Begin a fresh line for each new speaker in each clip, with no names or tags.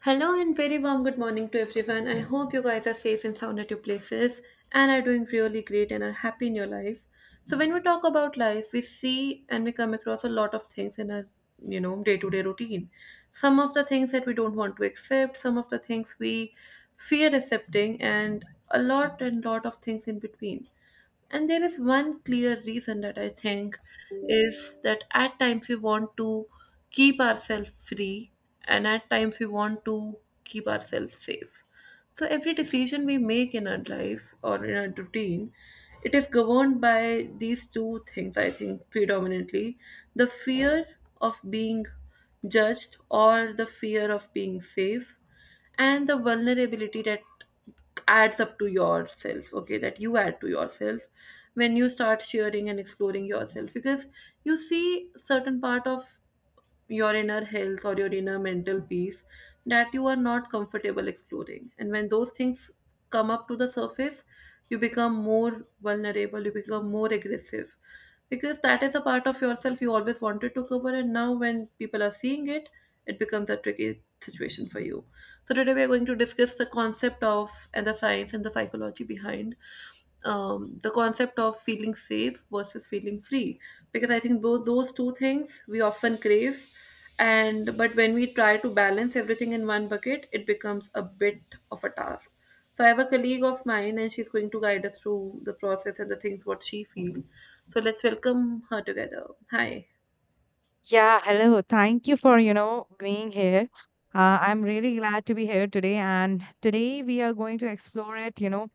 Hello and very warm good morning to everyone. I hope you guys are safe and sound at your places and are doing really great and are happy in your life. So when we talk about life, we see and we come across a lot of things in our day-to-day routine. Some of the things that we don't want to accept, some of the things we fear accepting and a lot and lot of things in between. And there is one clear reason that I think is that at times we want to keep ourselves free and at times we want to keep ourselves safe. So every decision we make in our life or in our routine, it is governed by these two things, I think, predominantly the fear of being judged or the fear of being safe, and the vulnerability that adds up to yourself, okay, that you add to yourself when you start sharing and exploring yourself because you see certain part of your inner health or your inner mental peace that you are not comfortable exploring. And when those things come up to the surface, you become more vulnerable, you become more aggressive because that is a part of yourself you always wanted to cover. And now, when people are seeing it, it becomes a tricky situation for you. So, today we are going to discuss the concept of and the science and the psychology behind the concept of feeling safe versus feeling free because I think both those two things we often crave and but when we try to balance everything in one bucket it becomes a bit of a task. So I have a colleague of mine and she's going to guide us through the process and the things what she feels. So let's welcome her together. Hi.
Yeah, hello. Thank you for, being here. I'm really glad to be here today. And today we are going to explore it.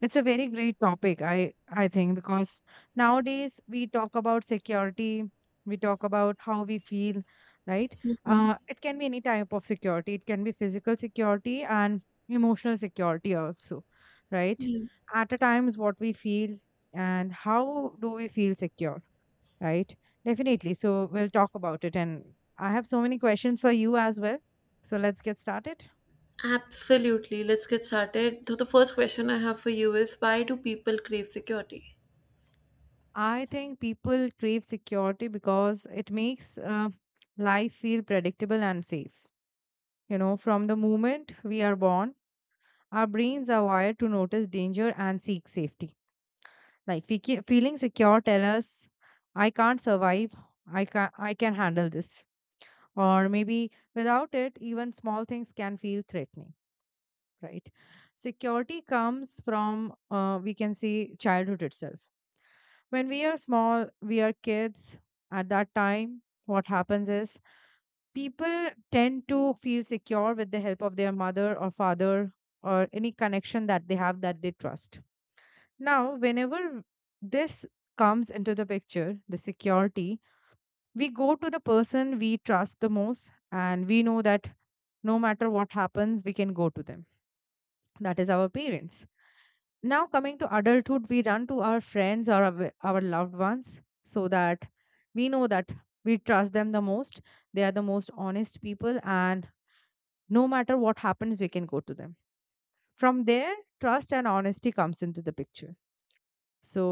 It's a very great topic, I think, because nowadays we talk about security, we talk about how we feel, right? It can be any type of security, it can be physical security and emotional security also, right?
Mm.
At a times, what we feel and how do we feel secure? Right? Definitely. So we'll talk about it. And I have so many questions for you as well. So let's get started.
Absolutely. Let's get started. So, the first question I have for you is why do people crave security?
I think people crave security because it makes life feel predictable and safe. From the moment we are born, our brains are wired to notice danger and seek safety. Like feeling secure tell us, I can't survive. I can handle this. Or maybe without it, even small things can feel threatening, right? Security comes from we can say childhood itself. When we are small, we are kids. At that time what happens is, people tend to feel secure with the help of their mother or father, or any connection that they have, that they trust. Now, whenever this comes into the picture, the security, we go to the person we trust the most, and we know that no matter what happens we can go to them. That is our parents. Now, coming to adulthood, we run to our friends or our loved ones, so that we know that we trust them the most. They are the most honest people, and no matter what happens, we can go to them. From there, trust and honesty comes into the picture. So,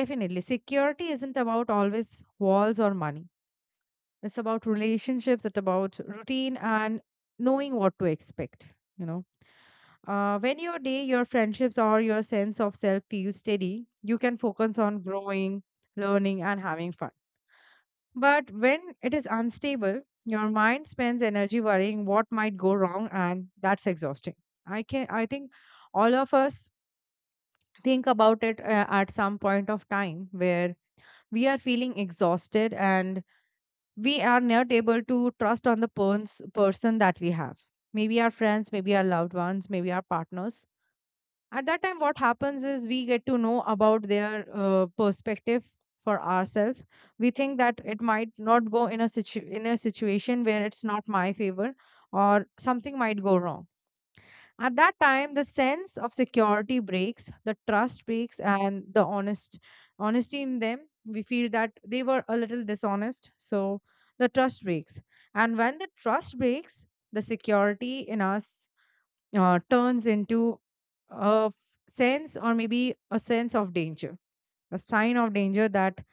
definitely, security isn't about always walls or money. It's about relationships, it's about routine and knowing what to expect, you know when your day, your friendships, or your sense of self feels steady, you can focus on growing, learning, and having fun. But when it is unstable, your mind spends energy worrying what might go wrong, and that's exhausting. I can, I think, all of us think about it at some point of time where we are feeling exhausted and we are not able to trust on the person that we have. Maybe our friends, maybe our loved ones, maybe our partners. At that time what happens is, we get to know about their perspective for ourselves. We think that it might not go in a situation where it's not my favor, or something might go wrong. At that time the sense of security breaks, the trust breaks, and the honesty in them, we feel that they were a little dishonest, so the trust breaks. And when the trust breaks, the security in us turns into a sense, or maybe a sense of danger, a sign of danger that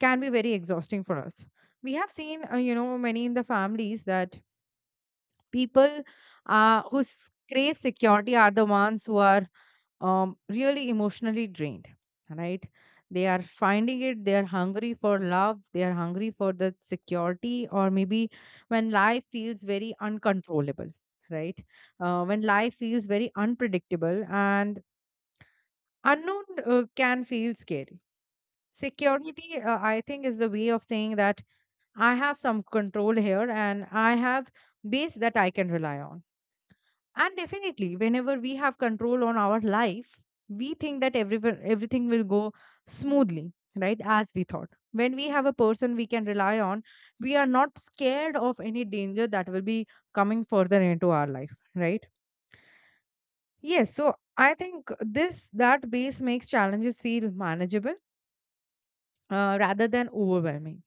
can be very exhausting for us. We have seen, many in the families that people, crave security, are the ones who are, really emotionally drained, right? They are finding it, they are hungry for love, they are hungry for the security. Or maybe when life feels very uncontrollable, right? When life feels very unpredictable and unknown, can feel scary. Security, I think, is the way of saying that I have some control here, and I have base that I can rely on. And definitely, whenever we have control on our life, we think that everything will go smoothly, right? As we thought. When we have a person we can rely on, we are not scared of any danger that will be coming further into our life, right? Yes. So I think that base makes challenges feel manageable, rather than overwhelming.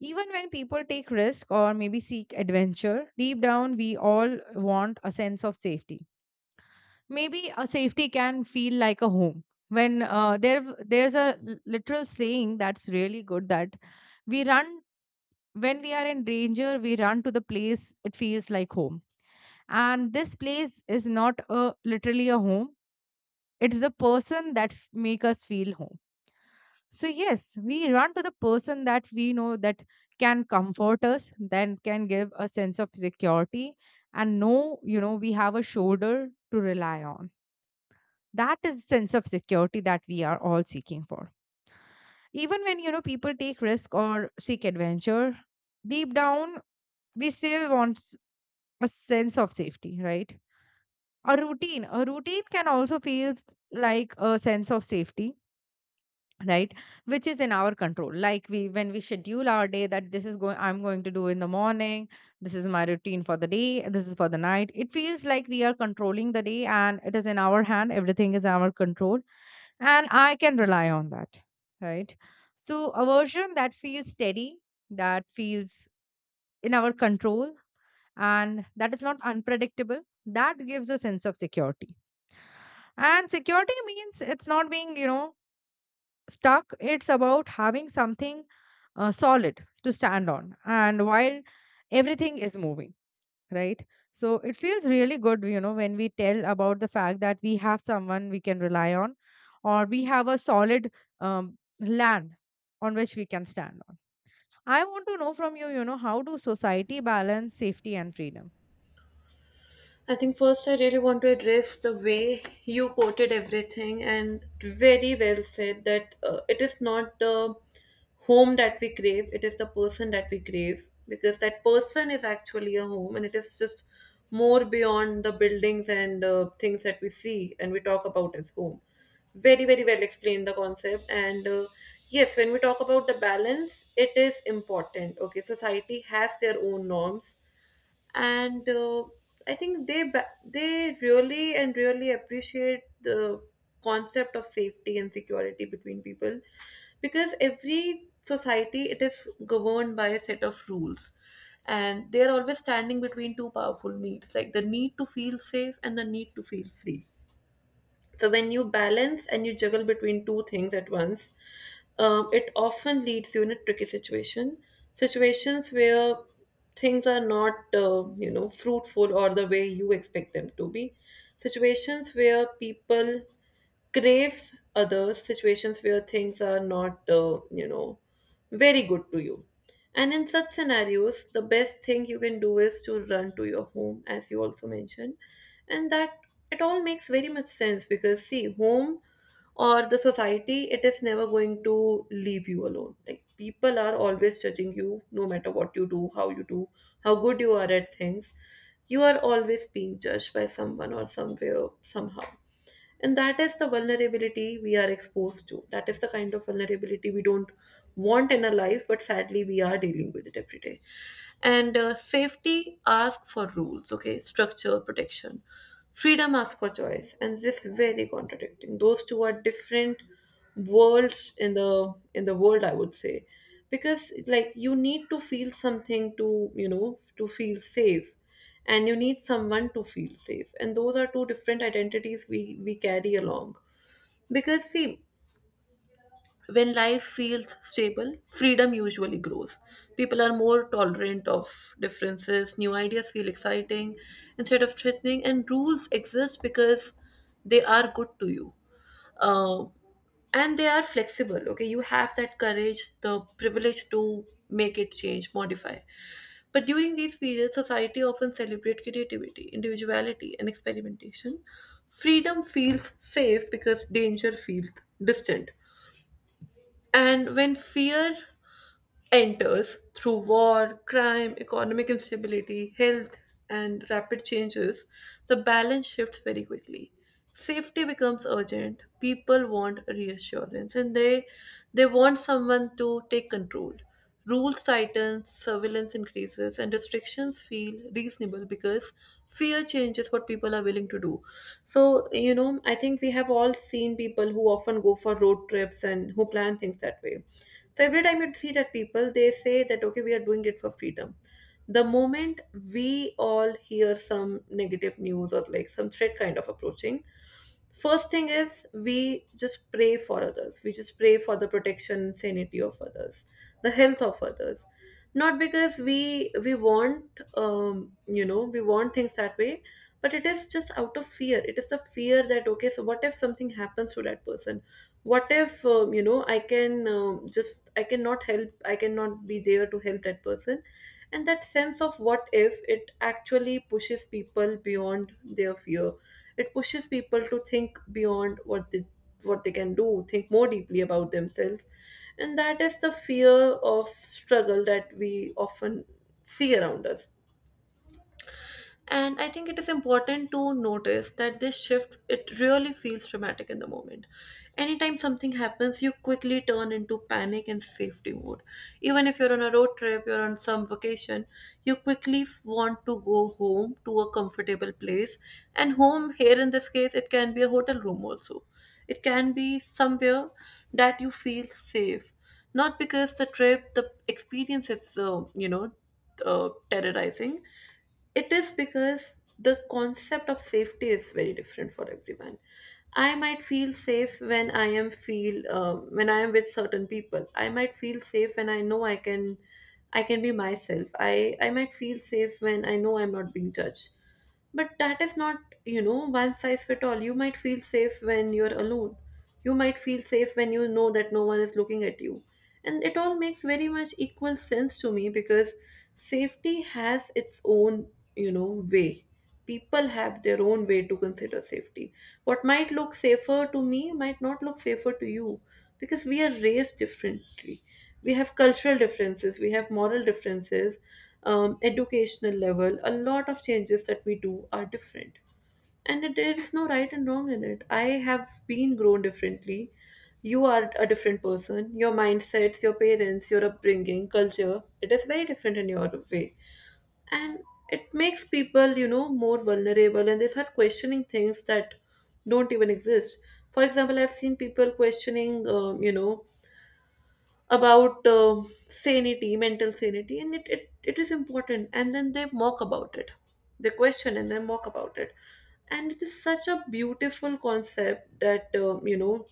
Even when people take risk or maybe seek adventure, deep down we all want a sense of safety. Maybe a safety can feel like a home when, there's a literal saying that's really good, that we run when we are in danger we run to the place it feels like home. And this place is not a literally a home, it's the person that make us feel home. So yes, we run to the person that we know that can comfort us, then can give a sense of security. And know, we have a shoulder to rely on. That is the sense of security that we are all seeking for. Even when, people take risk or seek adventure, deep down we still want a sense of safety, right? A routine can also feel like a sense of safety, right? Which is in our control, like we when we schedule our day, that this is going I'm going to do in the morning, this is my routine for the day, this is for the night. It feels like we are controlling the day, and it is in our hand, everything is our control. And I can rely on that, right? So, a version that feels steady, that feels in our control, and that is not unpredictable, that gives a sense of security. And security means it's not being stuck, it's about having something solid to stand on. And while everything is moving, right? So it feels really good, when we tell about the fact that we have someone we can rely on, or we have a solid, land on which we can stand on. I want to know from you, you know how do society balance safety and freedom?
I think first I really want to address the way you quoted everything and very well said that it is not the home that we crave, it is the person that we crave because that person is actually a home and it is just more beyond the buildings and things that we see and we talk about as home. Very, very well explained the concept. And yes, when we talk about the balance, it is important. Okay, society has their own norms and I think they really and really appreciate the concept of safety and security between people because every society it is governed by a set of rules and they are always standing between two powerful needs like the need to feel safe and the need to feel free. So when you balance and you juggle between two things at once, it often leads you in a tricky situation, situations where things are not, you know, fruitful or the way you expect them to be, situations where people crave others, situations where things are not you know very good to you. And in such scenarios the best thing you can do is to run to your home, as you also mentioned, and that it all makes very much sense because see, home or the society, it is never going to leave you alone. Like people are always judging you no matter what you do, how you do, how good you are at things. You are always being judged by someone or somewhere somehow, and that is the vulnerability we are exposed to. That is the kind of vulnerability we don't want in our life, but sadly, we are dealing with it every day. And safety asks for rules, okay? Structure, protection. Freedom asks for choice, and this is very contradicting. Those two are different worlds in the world, I would say, because like you need to feel something to, you know, to feel safe, and you need someone to feel safe, and those are two different identities we carry along. Because see, when life feels stable, freedom usually grows. People are more tolerant of differences, new ideas feel exciting instead of threatening, and rules exist because they are good to you. Uh, and they are flexible, okay? You have that courage, the privilege to make it change, modify. But during these periods, society often celebrates creativity, individuality, and experimentation. Freedom feels safe because danger feels distant, and when fear enters through war, crime, economic instability, health, and rapid changes, the balance shifts very quickly. Safety becomes urgent. People want reassurance and they want someone to take control. Rules tighten, surveillance increases, and restrictions feel reasonable because fear changes what people are willing to do. So, you know, I think we have all seen people who often go for road trips and who plan things that way, so every time you see that people, they say that okay, we are doing it for freedom. The moment we all hear some negative news or like some threat kind of approaching, first thing is we just pray for others. We just pray for the protection and sanity of others, the health of others. Not because we want you know we want things that way, but it is just out of fear. It is a fear that okay, so what if something happens to that person? What if you know I can just I cannot help, I cannot be there to help that person. And that sense of what if, it actually pushes people beyond their fear. It pushes people to think beyond what they can do, think more deeply about themselves. And that is the fear of struggle that we often see around us. And I think it is important to notice that this shift, it really feels dramatic in the moment. Anytime something happens you quickly turn into panic and safety mode. Even if you're on a road trip, you're on some vacation, you quickly want to go home to a comfortable place. And home here in this case, it can be a hotel room also. It can be somewhere that you feel safe, not because the trip, the experience is you know terrorizing. It is because the concept of safety is very different for everyone. I might feel safe when I am feel when I am with certain people. I might feel safe when I know I can be myself. I might feel safe when I know I'm not being judged. But that is not, you know, one size fit all. You might feel safe when you're alone. You might feel safe when you know that no one is looking at you. And it all makes very much equal sense to me because safety has its own, you know, way. People have their own way to consider safety. What might look safer to me might not look safer to you because we are raised differently. We have cultural differences, we have moral differences, educational level. A lot of changes that we do are different and there is no right and wrong in it. I have been grown differently. You are a different person. Your mindsets, your parents, your upbringing, culture, it is very different in your way. And it makes people, you know, more vulnerable, and they start questioning things that don't even exist. For example, I've seen people questioning you know about sanity, mental sanity, and it is important. And then they mock about it. They question and they mock about it. And it is such a beautiful concept that, you know,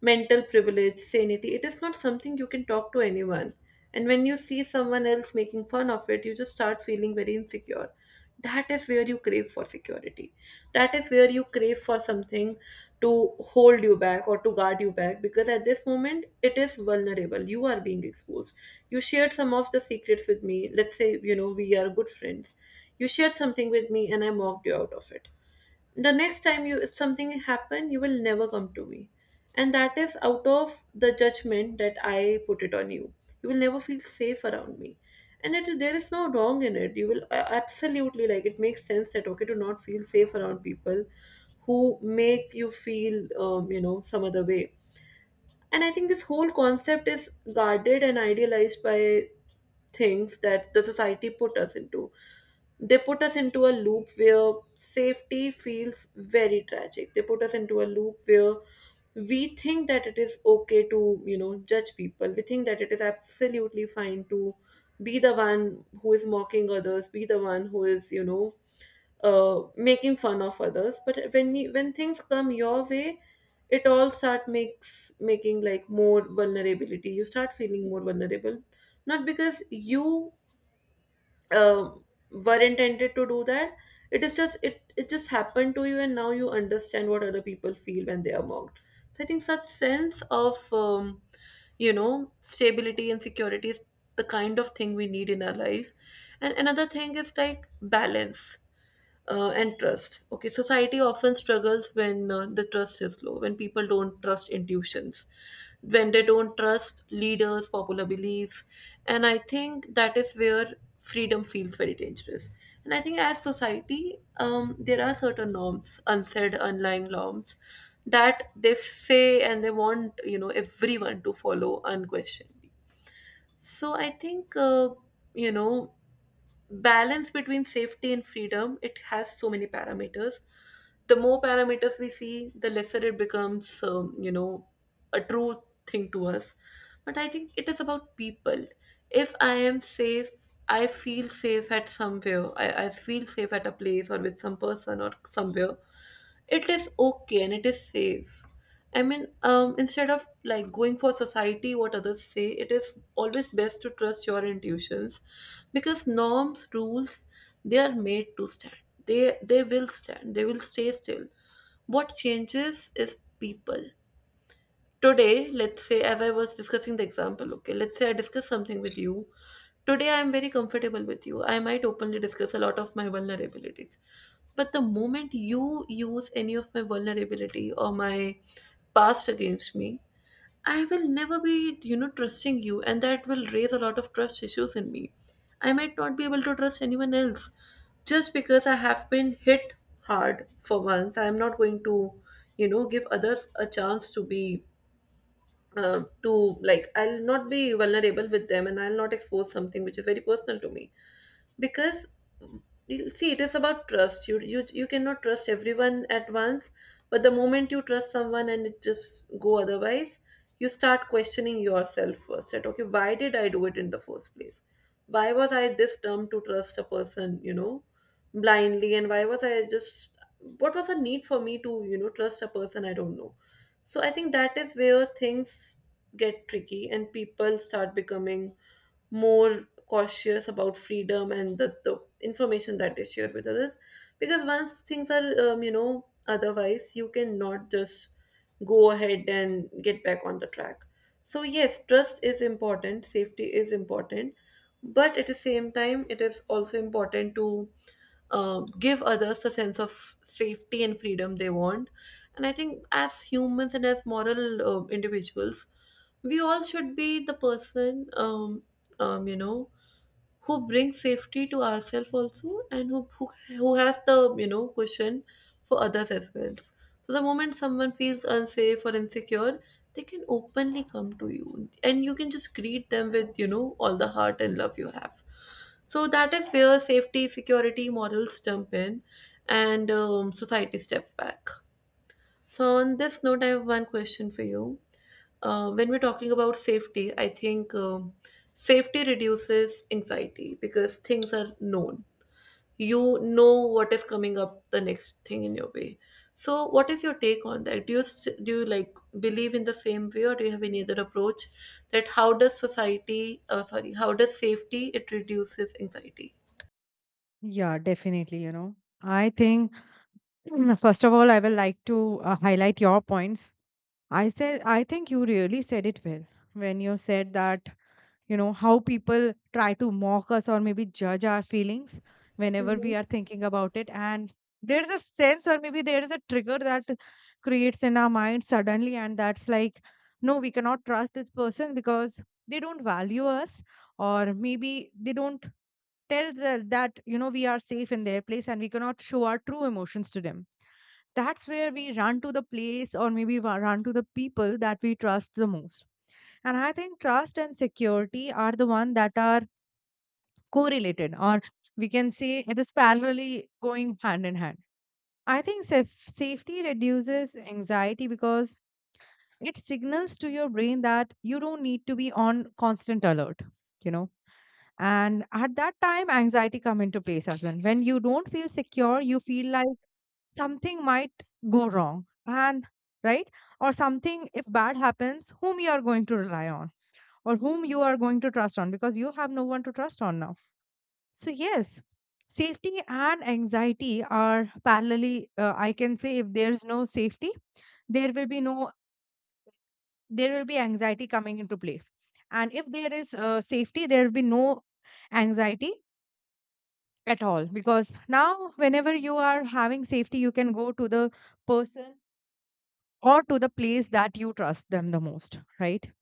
mental privilege, sanity, it is not something you can talk to anyone. And when you see someone else making fun of it, you just start feeling very insecure. That is where you crave for security. That is where you crave for something to hold you back or to guard you back, because at this moment it is vulnerable, you are being exposed. You shared some of the secrets with me, let's say, you know we are good friends. You shared something with me and I mocked you out of it. The next time you something happen, you will never come to me, and that is out of the judgment that I put it on you. You will never feel safe around me. And there is no wrong in it. You will absolutely, like, it makes sense that, okay, to not feel safe around people who make you feel some other way. And I think this whole concept is guarded and idealized by things that the society put us into. They put us into a loop where safety feels very tragic. They put us into a loop where we think that it is okay to judge people. We think that it is absolutely fine to be the one who is mocking others, be the one who is making fun of others. But when things come your way, it all start makes making, like, more vulnerability. You start feeling more vulnerable, not because you um were intended to do that. It is just it just happened to you, and now you understand what other people feel when they are mocked. So I think such sense of stability and security is the kind of thing we need in our life. And another thing is like balance and trust. Okay, society often struggles when the trust is low, when people don't trust intuitions, when they don't trust leaders, popular beliefs, and I think that is where freedom feels very dangerous. And I think as society, there are certain norms, unsaid, unlying norms, that they say and they want, you know, everyone to follow unquestioned. So I think, you know balance between safety and freedom, it has so many parameters. The more parameters we see, the lesser it becomes, a true thing to us. But I think it is about people. If I am safe, I feel safe at somewhere, I feel safe at a place or with some person or somewhere, it is okay and it is safe. I mean, instead of, like, going for society, what others say, it is always best to trust your intuitions, because norms, rules, they are made to stand. They will stand, they will stay still. What changes is people. Today, let's say, as I was discussing the example, okay, let's say I discuss something with you. Today I am very comfortable with you, I might openly discuss a lot of my vulnerabilities. But the moment you use any of my vulnerability or my past against me, I will never be, trusting you, and that will raise a lot of trust issues in me. I might not be able to trust anyone else, just because I have been hit hard for once. I am not going to, give others a chance to be, to, like, I'll not be vulnerable with them, and I'll not expose something which is very personal to me. Because you'll see, it is about trust. You cannot trust everyone at once. But the moment you trust someone and it just go otherwise, you start questioning yourself first, that okay, why did I do it in the first place? Why was I this dumb to trust a person, you know, blindly? And why was I just what was the need for me to trust a person I don't know? So I think that is where things get tricky and people start becoming more cautious about freedom and the information that they share with others. Because once things are, otherwise, you cannot just go ahead and get back on the track. So yes, trust is important, safety is important, but at the same time it is also important to give others the sense of safety and freedom they want. And I think as humans and as moral individuals, we all should be the person, um, you know, who brings safety to ourselves also, and who has the, cushion for others as well. So the moment someone feels unsafe or insecure, they can openly come to you and you can just greet them with, all the heart and love you have. So that is where safety, security, morals jump in, and society steps back. So on this note, I have one question for you. When we're talking about safety, I think safety reduces anxiety because things are known. You know what is coming up the next thing in your way. So, what is your take on that? Do you like believe in the same way, or do you have any other approach that how does society, sorry, how does safety it reduces anxiety?
Yeah, definitely. I think first of all, I will like to highlight your points. I said, I think you really said it well when you said that you know how people try to mock us or maybe judge our feelings whenever
Mm-hmm.
we are thinking about it. And there's a sense, or maybe there is a trigger that creates in our mind suddenly, and that's like, no, we cannot trust this person because they don't value us, or maybe they don't tell that you know we are safe in their place, and we cannot show our true emotions to them. That's where we run to the place, or maybe run to the people that we trust the most. And I think trust and security are the one that are correlated, or we can say it is parallelly going hand in hand. I think safety reduces anxiety because it signals to your brain that you don't need to be on constant alert, you know. And at that time, anxiety come into place as well. When you don't feel secure, you feel like something might go wrong, and right, or something if bad happens, whom you are going to rely on, or whom you are going to trust on because you have no one to trust on now. So, yes, safety and anxiety are parallelly, I can say, if there's no safety, there will be no there will be anxiety coming into place. And if there is safety, there will be no anxiety at all, because now whenever you are having safety you can go to the person, or to the place that you trust them the most, right?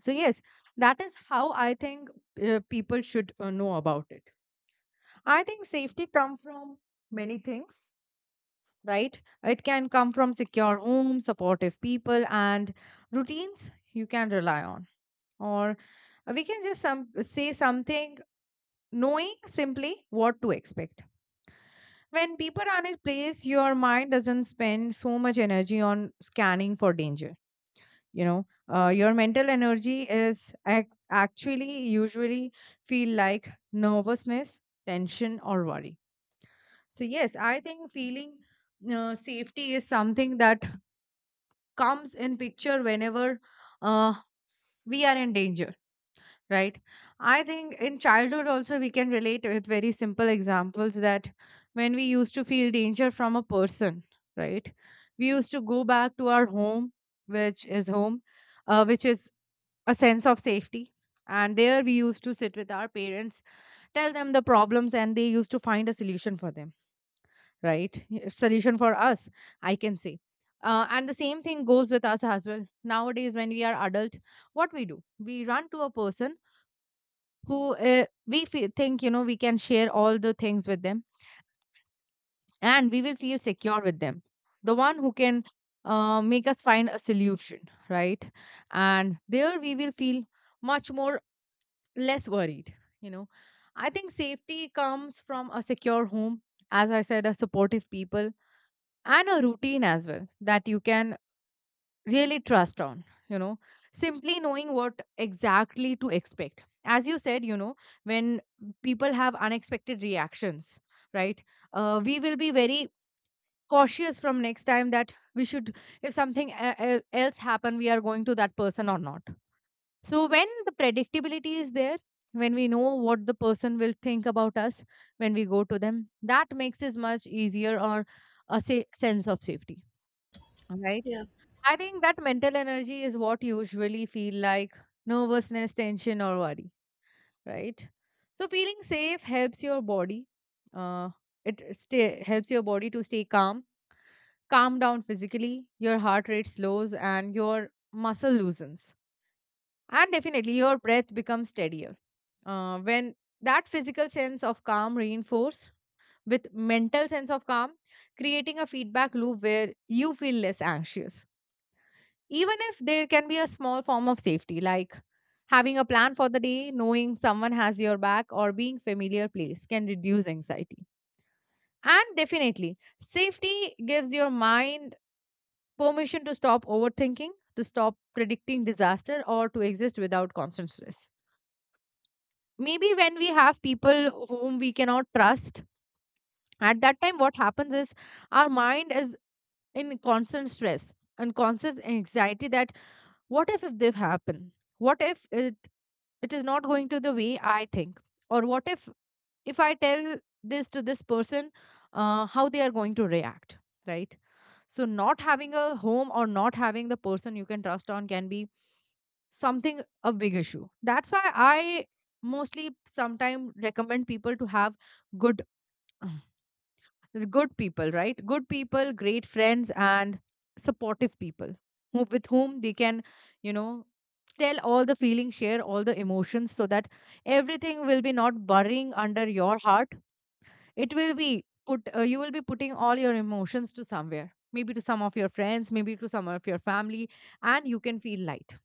So yes, that is how I think, people should, know about it. I think safety come from many things, right? It can come from secure home, supportive people, and routines you can rely on. Or we can just say something, knowing simply what to expect. When people are in place, your mind doesn't spend so much energy on scanning for danger. You know, your mental energy is actually usually feel like nervousness, tension, or worry. So yes, I think feeling safety is something that comes in picture whenever, uh, we are in danger, right? I think in childhood also we can relate with very simple examples, that when we used to feel danger from a person, right? We used to go back to our home, which is a sense of safety. And there we used to sit with our parents, tell them the problems, and they used to find a solution for them, right? Solution for us, I can say. And the same thing goes with us as well nowadays when we are adult. What we do, we run to a person who, we think we can share all the things with them, and we will feel secure with them, the one who can, make us find a solution, right? And there we will feel much more less worried you know I think safety comes from a secure home, as I said, a supportive people, and a routine as well that you can really trust on. Simply knowing what exactly to expect, as you said, when people have unexpected reactions, right? We will be very cautious from next time, that we should, if something else happen, we are going to that person or not. So when the predictability is there, when we know what the person will think about us when we go to them, that makes it much easier, or a sense of safety, right?
Yeah.
I think that mental energy is what usually feel like nervousness, tension, or worry, right? So feeling safe helps your body. Uh, helps your body to stay calm, calm down physically. Your heart rate slows and your muscle loosens, and definitely your breath becomes steadier. When that physical sense of calm reinforce with mental sense of calm, creating a feedback loop where you feel less anxious. Even if there can be a small form of safety, like having a plan for the day, knowing someone has your back, or being familiar place can reduce anxiety. And definitely safety gives your mind permission to stop overthinking, to stop predicting disaster, or to exist without constant stress. Maybe when we have people whom we cannot trust, at that time what happens is, our mind is in constant stress and constant anxiety that what if they happen? What if it is not going to the way I think? Or what if I tell this to this person, how they are going to react, right? So not having a home, or not having the person you can trust on, can be something, a big issue. That's why I mostly sometimes recommend people to have good the good people, right? Good people, great friends, and supportive people with whom they can, you know, tell all the feelings, share all the emotions, so that everything will be not burying under your heart. It will be put, you will be putting all your emotions to somewhere, maybe to some of your friends, maybe to some of your family, and you can feel light.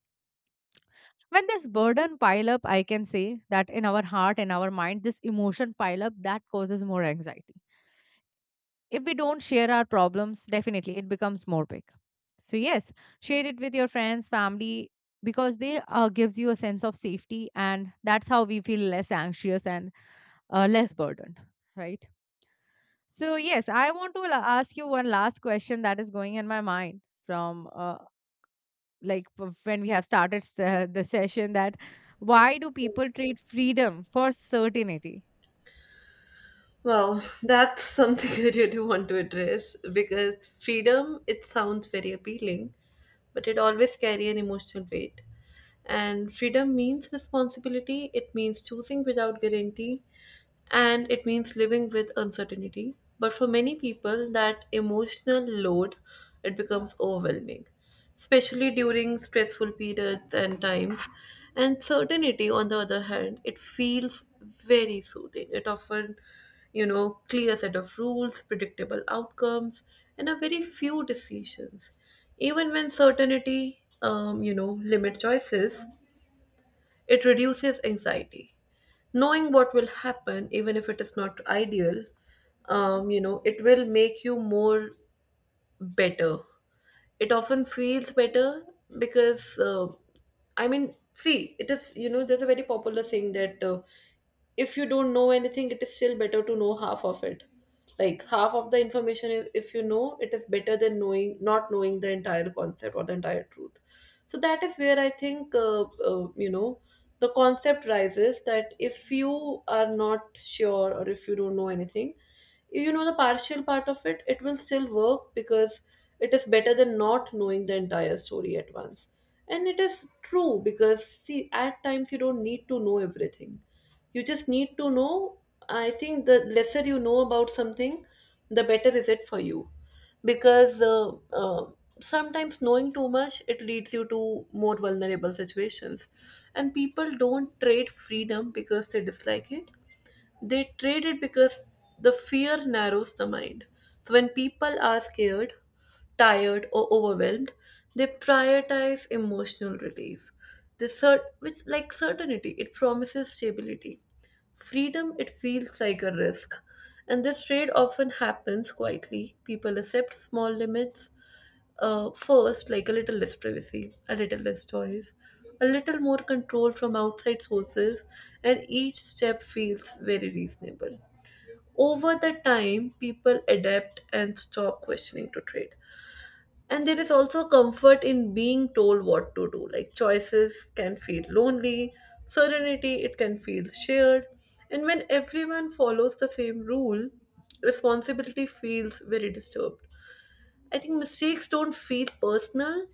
When this burden pile up, I can say, that in our heart and our mind, this emotion pile up that causes more anxiety. If we don't share our problems, definitely it becomes more big. So yes, share it with your friends, family, because they gives you a sense of safety, and that's how we feel less anxious and less burdened, right? So yes, I want to ask you one last question that is going in my mind from, when we have started the session, that why do people trade freedom for certainty?
Wow, that's something I really want to address because freedom, it sounds very appealing, but it always carry an emotional weight. And freedom means responsibility, it means choosing without guarantee, and it means living with uncertainty. But for many people, that emotional load, it becomes overwhelming, especially during stressful periods and times. And certainty, on the other hand, it feels very soothing. It often, you know, clear set of rules, predictable outcomes, and a very few decisions. Even when certainty, you know, limit choices, it reduces anxiety. Knowing what will happen, even if it is not ideal, it will make you more better, it often feels better. Because I mean, see, it is, you know, there's a very popular saying that, if you don't know anything, it is still better to know half of it. Like, half of the information, is if you know, it is better than knowing, not knowing the entire concept or the entire truth. So that is where I think, uh, you know the concept rises that if you are not sure or if you don't know anything, you know the partial part of it, it will still work, because it is better than not knowing the entire story at once. And it is true, because see, at times you don't need to know everything, you just need to know, I think the lesser you know about something, the better is it for you. Because sometimes knowing too much, it leads you to more vulnerable situations. And people don't trade freedom because they dislike it, they trade it because the fear narrows the mind. So when people are scared, tired, or overwhelmed, they prioritize emotional relief. This cert- which like certainty, it promises stability. Freedom, it feels like a risk. And this trade often happens quietly. People accept small limits, first, like a little less privacy, a little less choice, a little more control from outside sources, and each step feels very reasonable. Over the time, people adapt and stop questioning to trade. And there is also comfort in being told what to do. Like, choices can feel lonely, serenity, it can feel shared. And when everyone follows the same rule, responsibility feels very disturbed. I think mistakes don't feel personal,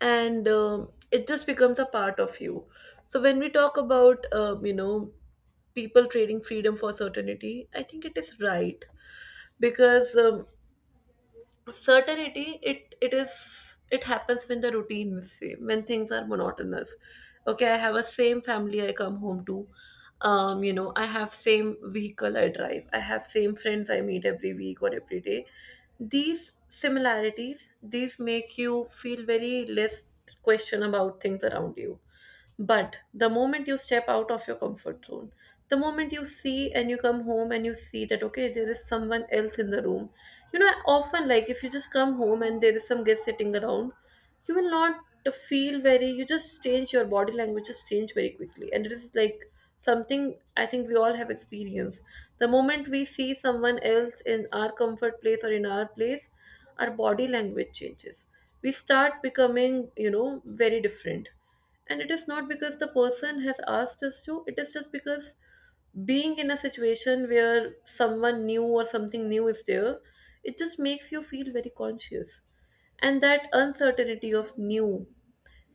and it just becomes a part of you. So when we talk about, people trading freedom for certainty, I think it is right, because certainty, it happens when the routine is same, when things are monotonous. Okay, I have a same family I come home to, you know, I have same vehicle I drive, I have same friends I meet every week or every day. These similarities, these make you feel very less question about things around you. But the moment you step out of your comfort zone, the moment you see and you come home and you see that, okay, there is someone else in the room. You know, often, like if you just come home and there is some guest sitting around, you will not feel very, you just change your body language, just change very quickly. And it is like something I think we all have experienced. The moment we see someone else in our comfort place or in our place, our body language changes. We start becoming, you know, very different, and it is not because the person has asked us to, it is just because being in a situation where someone new or something new is there, it just makes you feel very conscious. And that uncertainty of new,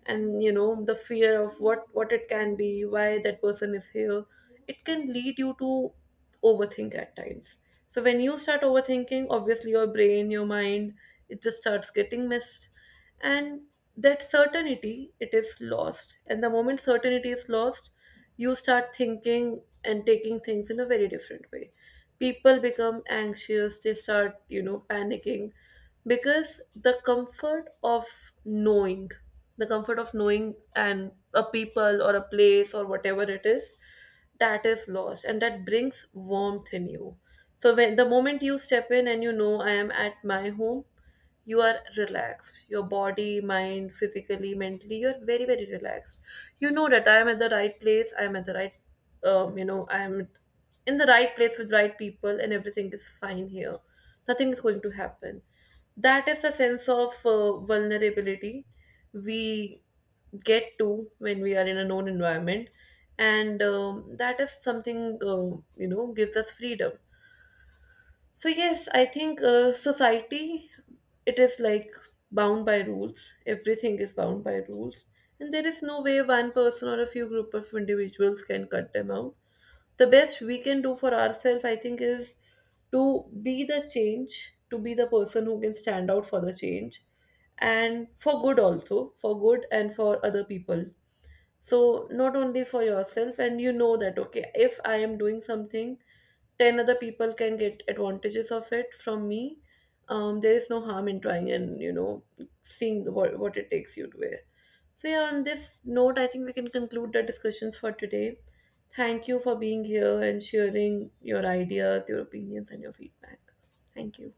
and you know the fear of what it can be, why that person is here, it can lead you to overthink at times. So when you start overthinking, obviously your brain, your mind, it just starts getting messed. And that certainty, it is lost, and the moment certainty is lost, you start thinking and taking things in a very different way. People become anxious, they start, you know, panicking, because the comfort of knowing, the comfort of knowing and a people or a place or whatever it is, that is lost, and that brings warmth in you. So when the moment you step in and you know I am at my home, you are relaxed, your body, mind, physically, mentally, you're very very relaxed. You know that I am at the right place, I am at the right, I am in the right place with right people, and everything is fine here, nothing is going to happen. That is the sense of vulnerability we get to when we are in a known environment, and that is something, gives us freedom. So yes, I think society, it is like bound by rules. Everything is bound by rules, and there is no way one person or a few group of individuals can cut them out. The best we can do for ourselves, I think, is to be the change, to be the person who can stand out for the change, and for good also, for good and for other people. So not only for yourself, and you know that, okay, if I am doing something, 10 other people can get advantages of it from me. There is no harm in trying and, seeing what it takes you to wear. So yeah, on this note, I think we can conclude the discussions for today. Thank you for being here and sharing your ideas, your opinions and your feedback. Thank you.